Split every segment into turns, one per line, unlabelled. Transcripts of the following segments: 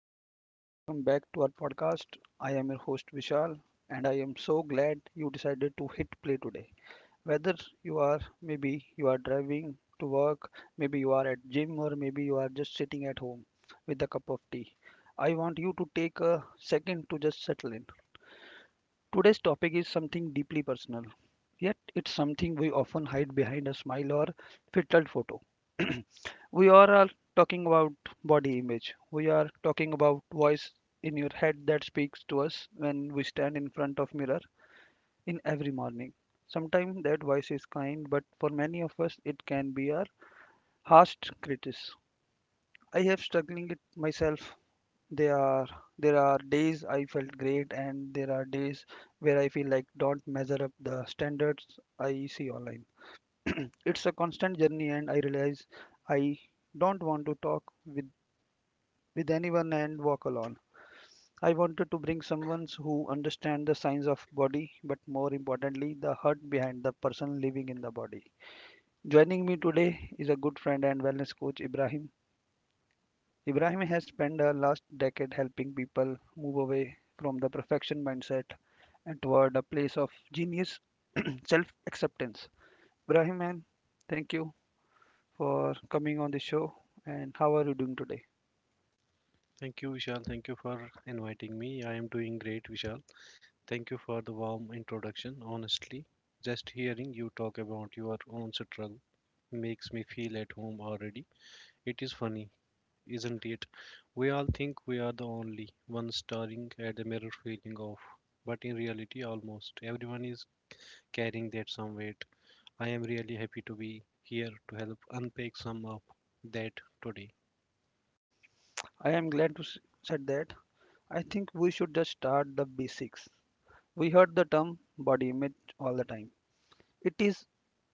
hello and welcome back to our podcast. I am your host Vishal, and I am so glad you decided to hit play today. Whether you are maybe you are driving to work, maybe you are at gym, or maybe you are just sitting at home with a cup of tea, I want you to take a second to just settle in. Today's topic is something deeply personal, yet it's something we often hide behind a smile or filtered photo. We are all talking about body image. We are talking about voice in your head that speaks to us when we stand in front of mirror in every morning. Sometimes that voice is kind, but for many of us it can be our harsh critic. I have struggling it myself they are there are days I felt great and there are days where I feel like don't measure up the standards I see online. It's a constant journey and I realize I don't want to talk with anyone and walk alone. I wanted to bring someone who understands the signs of body, but more importantly, the heart behind the person living in the body. Joining me today is a good friend and wellness coach Ibrahim. Ibrahim has spent the last decade helping people move away from the perfection mindset and toward a place of genius self acceptance. Ibrahim, man, thank you for coming on the show. And how are you doing today?
Thank you, Vishal. Thank you for inviting me. I am doing great, Vishal. Thank you for the warm introduction. Honestly, just hearing you talk about your own struggle makes me feel at home already. It is funny, isn't it? We all think we are the only ones staring at the mirror feeling off, but in reality, almost everyone is carrying that some weight. I am really happy to be here to help unpack some of that today.
I am glad to said that. I think we should just start the basics. We heard the term body image all the time. It is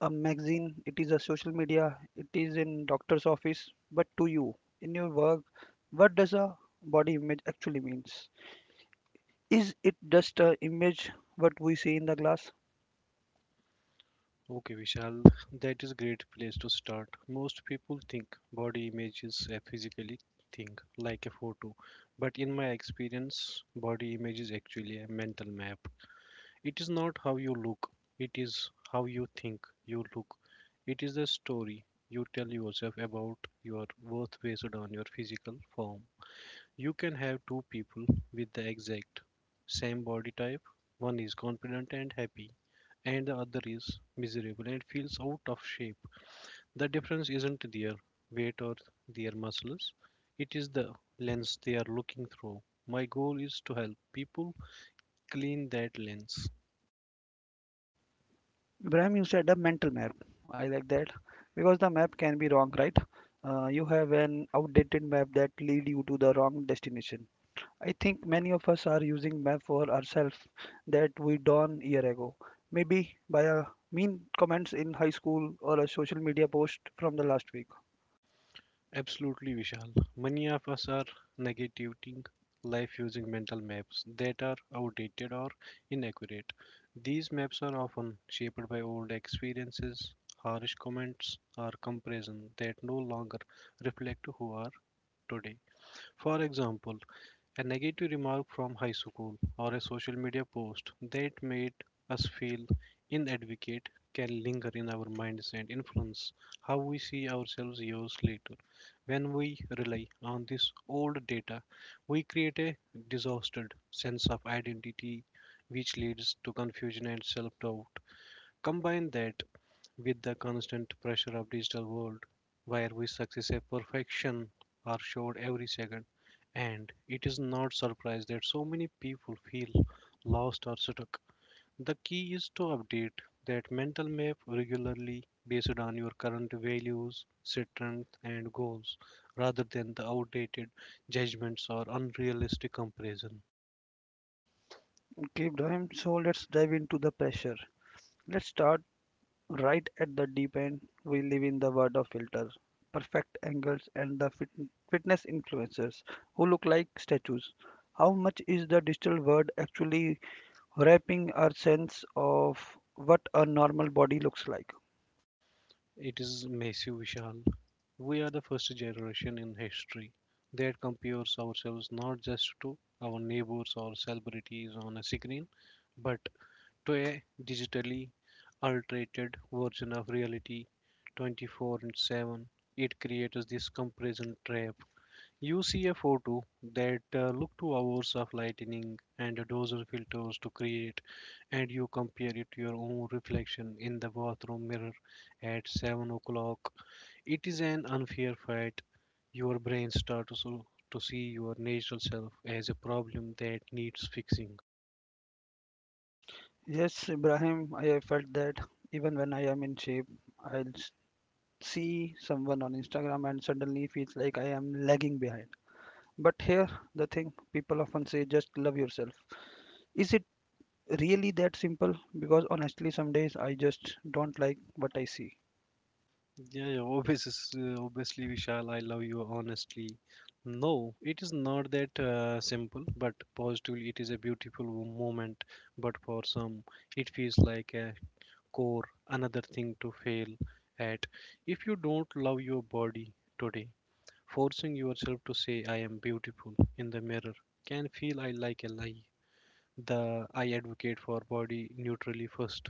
a magazine, it is a social media, it is in doctor's office. But to you, in your work, what does a body image actually means? Is it just a image what we see in the glass?
Okay, Vishal, that is a great place to start. Most people think body image is a physically thing, like a photo. But in my experience, body image is actually a mental map. It is not how you look, it is how you think you look. It is the story you tell yourself about your worth based on your physical form. You can have two people with the exact same body type. One is confident and happy, and the other is miserable and feels out of shape. The difference isn't their weight or their muscles, it is the lens they are looking through. My goal is to help people clean that lens.
Ibrahim, you said a mental map. I like that because the map can be wrong, right? You have an outdated map that lead you to the wrong destination. I think many of us are using map for ourselves that we done year ago. Maybe by a mean comments in high school or a social media post from the last week.
Absolutely, Vishal. Many of us are negating life using mental maps that are outdated or inaccurate. These maps are often shaped by old experiences, harsh comments, or comparisons that no longer reflect who are today. For example, a negative remark from high school or a social media post that made us feel inadequate can linger in our minds and influence how we see ourselves years later. When we rely on this old data, we create a distorted sense of identity which leads to confusion and self doubt. Combine that with the constant pressure of digital world where we successive perfection are showed every second and it is not surprise that so many people feel lost or stuck. The key is to update that mental map regularly based on your current values strengths and goals rather than the outdated judgments or unrealistic comparison.
Okay, Ibrahim. So let's dive into the pressure. Let's start right at the deep end, we live in the world of filters, perfect angles, and the fitness influencers who look like statues. How much is the digital world actually wrapping our sense of what a normal body looks like?
It is massive, Vishal. We are the first generation in history that compares ourselves not just to our neighbors or celebrities on a screen, but to a digitally altered version of reality 24/7. It creates this comparison trap. You see a photo that look two hours of lightning and a dozen filters to create, and you compare it to your own reflection in the bathroom mirror at 7 o'clock. It is an unfair fight. Your brain starts to see your natural self as a problem that needs fixing.
Yes, Ibrahim, I have felt that even when I am in shape, I'll see someone on Instagram and suddenly feels like I am lagging behind. But here, the thing people often say just love yourself. Is it really that simple because honestly some days I just don't like what I see.
Yeah, yeah obviously, obviously, Vishal, I love you honestly. No, it is not that simple, but positively, it is a beautiful moment. But for some, it feels like a core, another thing to fail at. If you don't love your body today, forcing yourself to say, I am beautiful in the mirror can feel I like a lie. The I advocate for body neutrality first.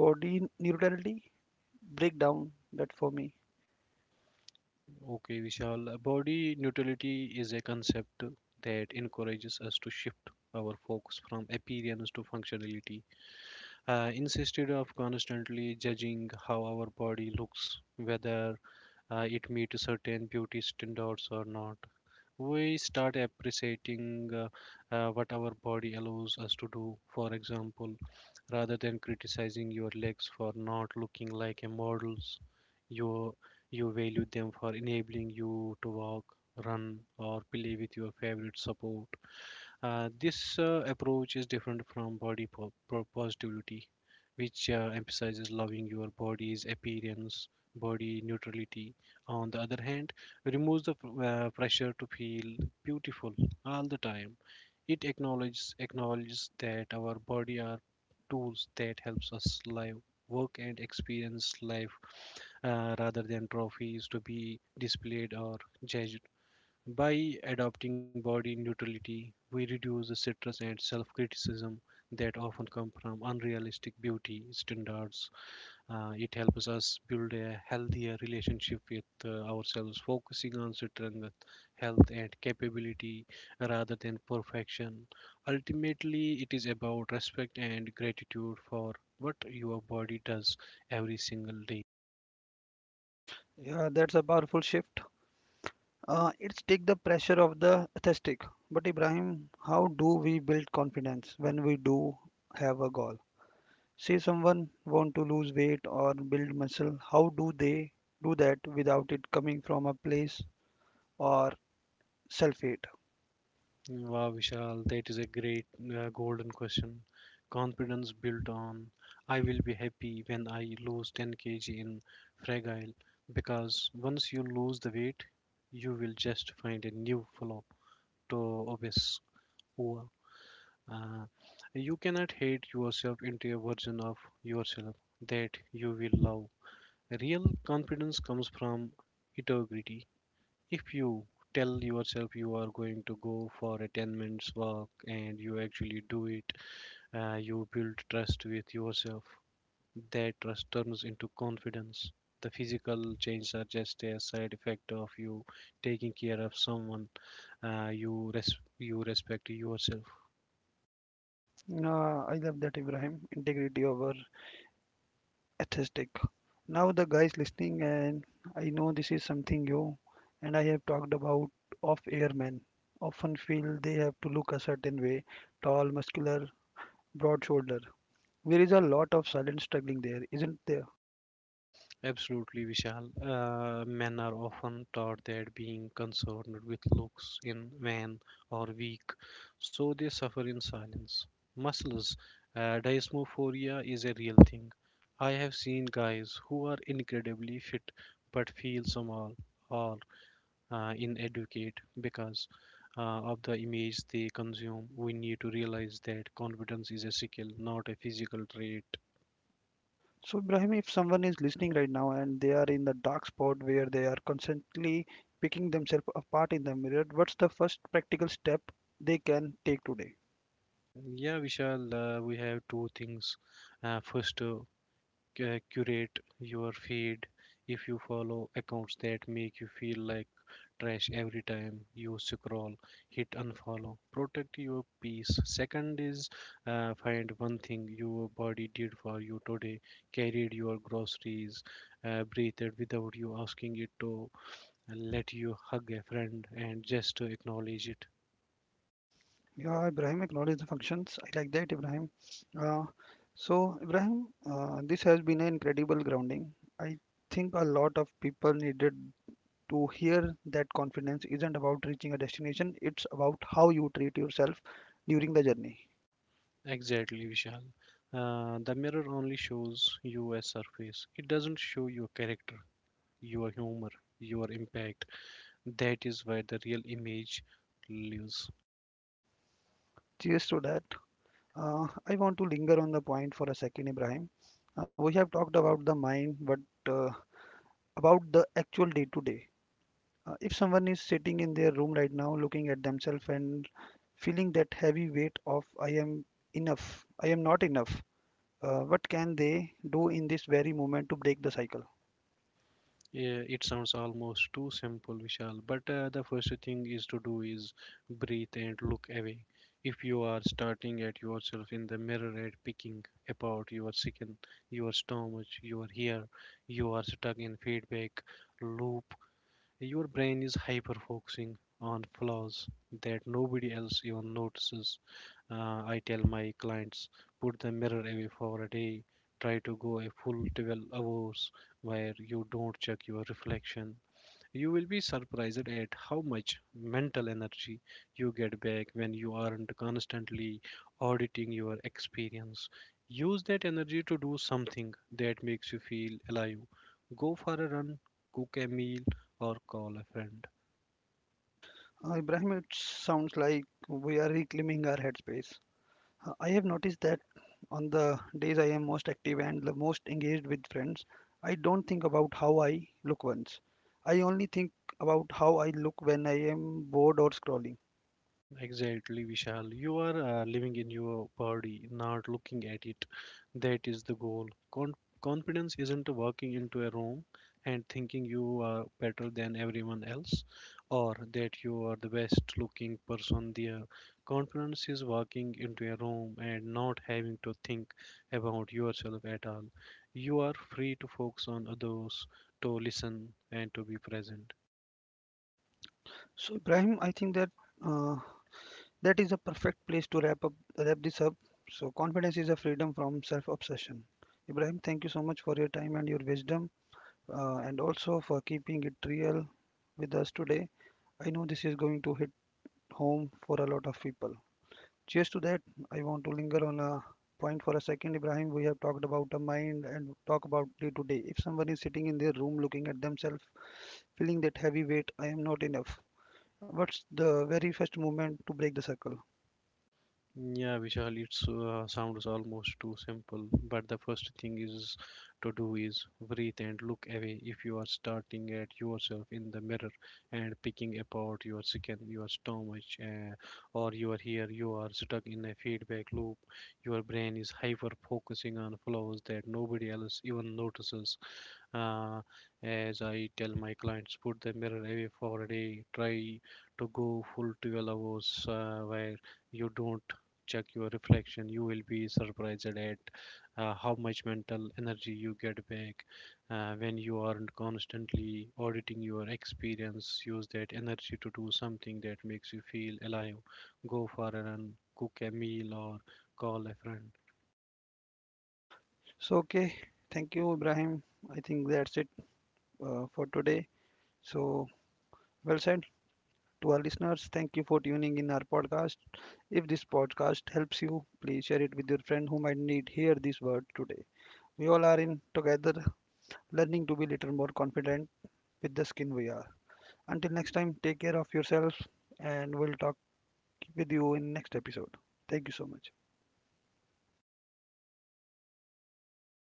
Body neutrality, break down that for me.
Okay, Vishal, body neutrality is a concept that encourages us to shift our focus from appearance to functionality. Instead of constantly judging how our body looks, whether it meets certain beauty standards or not, we start appreciating what our body allows us to do. For example, rather than criticizing your legs for not looking like a models, you you value them for enabling you to walk, run, or play with your favorite support. This approach is different from body positivity, which emphasizes loving your body's appearance, body neutrality. On the other hand, removes the pressure to feel beautiful all the time. It acknowledges that our body are tools that helps us live, work, and experience life rather than trophies to be displayed or judged. By adopting body neutrality, we reduce the stress and self criticism that often come from unrealistic beauty standards. It helps us build a healthier relationship with ourselves, focusing on strength, health, and capability rather than perfection. Ultimately, it is about respect and gratitude for what your body does every single day.
Yeah, that's a powerful shift. It's take the pressure of the aesthetic, but Ibrahim, how do we build confidence when we do have a goal, say someone want to lose weight or build muscle? How do they do that without it coming from a place or self hate?
Wow, Vishal, that is a great golden question. Confidence built on I will be happy when I lose 10 kg in fragile because once you lose the weight, you will just find a new flow to obsess over. Uh, you cannot hate yourself into a version of yourself that you will love. Real confidence comes from integrity if you tell yourself you are going to go for a 10 minutes walk and you actually do it, you build trust with yourself. That trust turns into confidence. The physical changes are just a side effect of you taking care of someone. You respect yourself.
I love that Ibrahim, integrity over aesthetic. Now the guys listening and I know this is something you and I have talked about of airmen often feel they have to look a certain way, tall, muscular, broad shoulder. There is a lot of silent struggling there, isn't there?
Absolutely, Vishal. Men are often taught that being concerned with looks in vain or weak, so they suffer in silence. Muscles, dysmorphia is a real thing. I have seen guys who are incredibly fit but feel small or inadequate because of the image they consume. We need to realize that confidence is a skill, not a physical trait.
So Ibrahim, if someone is listening right now and they are in the dark spot where they are constantly picking themselves apart in the mirror, what's the first practical step they can take today?
Yeah, Vishal, we have two things. First, curate your feed. If you follow accounts that make you feel like trash every time you scroll, hit unfollow. Protect your peace. Second is find one thing your body did for you today, carried your groceries, breathed without you asking it to, let you hug a friend, and just acknowledge it.
Yeah, Ibrahim acknowledged the functions. I like that, Ibrahim. Uh, so, Ibrahim, this has been an incredible grounding. I think a lot of people needed to hear that confidence isn't about reaching a destination, it's about how you treat yourself during the journey.
Exactly, Vishal. The mirror only shows you a surface. It doesn't show your character, your humor, your impact. That is where the real image lives.
Cheers to that. I want to linger on the point for a second, Ibrahim. We have talked about the mind, but uh, about the actual day to day. If someone is sitting in their room right now looking at themselves and feeling that heavy weight of I am enough, I am not enough. What can they do in this very moment to break the cycle?
Yeah, it sounds almost too simple, Vishal, but the first thing is to do is breathe and look away. If you are starting at yourself in the mirror and picking apart your skin, your stomach, your hair, you are stuck in feedback loop. Your brain is hyper focusing on flaws that nobody else even notices. I tell my clients, put the mirror away for a day. Try to go a full 12 hours where you don't check your reflection. You will be surprised at how much mental energy you get back when you aren't constantly auditing your experience. Use that energy to do something that makes you feel alive. Go for a run, cook a meal, or call a friend.
Ibrahim, it sounds like we are reclaiming our headspace. I have noticed that on the days I am most active and the most engaged with friends, I don't think about how I look once. I only think about how I look when I am bored or scrolling.
Exactly, Vishal. You are living in your body, not looking at it. That is the goal. Con- Confidence isn't walking into a room and thinking you are better than everyone else or that you are the best looking person there. Confidence is walking into a room and not having to think about yourself at all. You are free to focus on others, to listen, and to be present.
So, Ibrahim, I think that uh, That is a perfect place to wrap this up. So confidence is a freedom from self-obsession. Ibrahim, thank you so much for your time and your wisdom, and also for keeping it real with us today. I know this is going to hit home for a lot of people. Cheers to that. I want to linger on a point for a second, Ibrahim. We have talked about the mind and talk about day to day. If someone is sitting in their room looking at themselves, feeling that heavy weight, I am not enough. What's the very first movement to break the circle?
Yeah, Vishal, It sounds almost too simple, but the first thing is to do is breathe and look away. If you are starting at yourself in the mirror and picking apart your skin, your stomach, or your hair, you are stuck in a feedback loop. Your brain is hyper focusing on flaws that nobody else even notices. Uh, as I tell my clients, put the mirror away for a day. Try to go full 12 hours where you don't check your reflection, you will be surprised at how much mental energy you get back when you aren't constantly auditing your experience. Use that energy to do something that makes you feel alive. Go for a run, cook a meal, or call a friend.
So, okay, thank you, Ibrahim. I think that's it for today. So, well said to our listeners. Thank you for tuning in our podcast. If this podcast helps you, please share it with your friend who might need hear this word today. We all are in together, learning to be little more confident with the skin we are. Until next time, take care of yourself, and we'll talk with you in next episode. Thank you so much.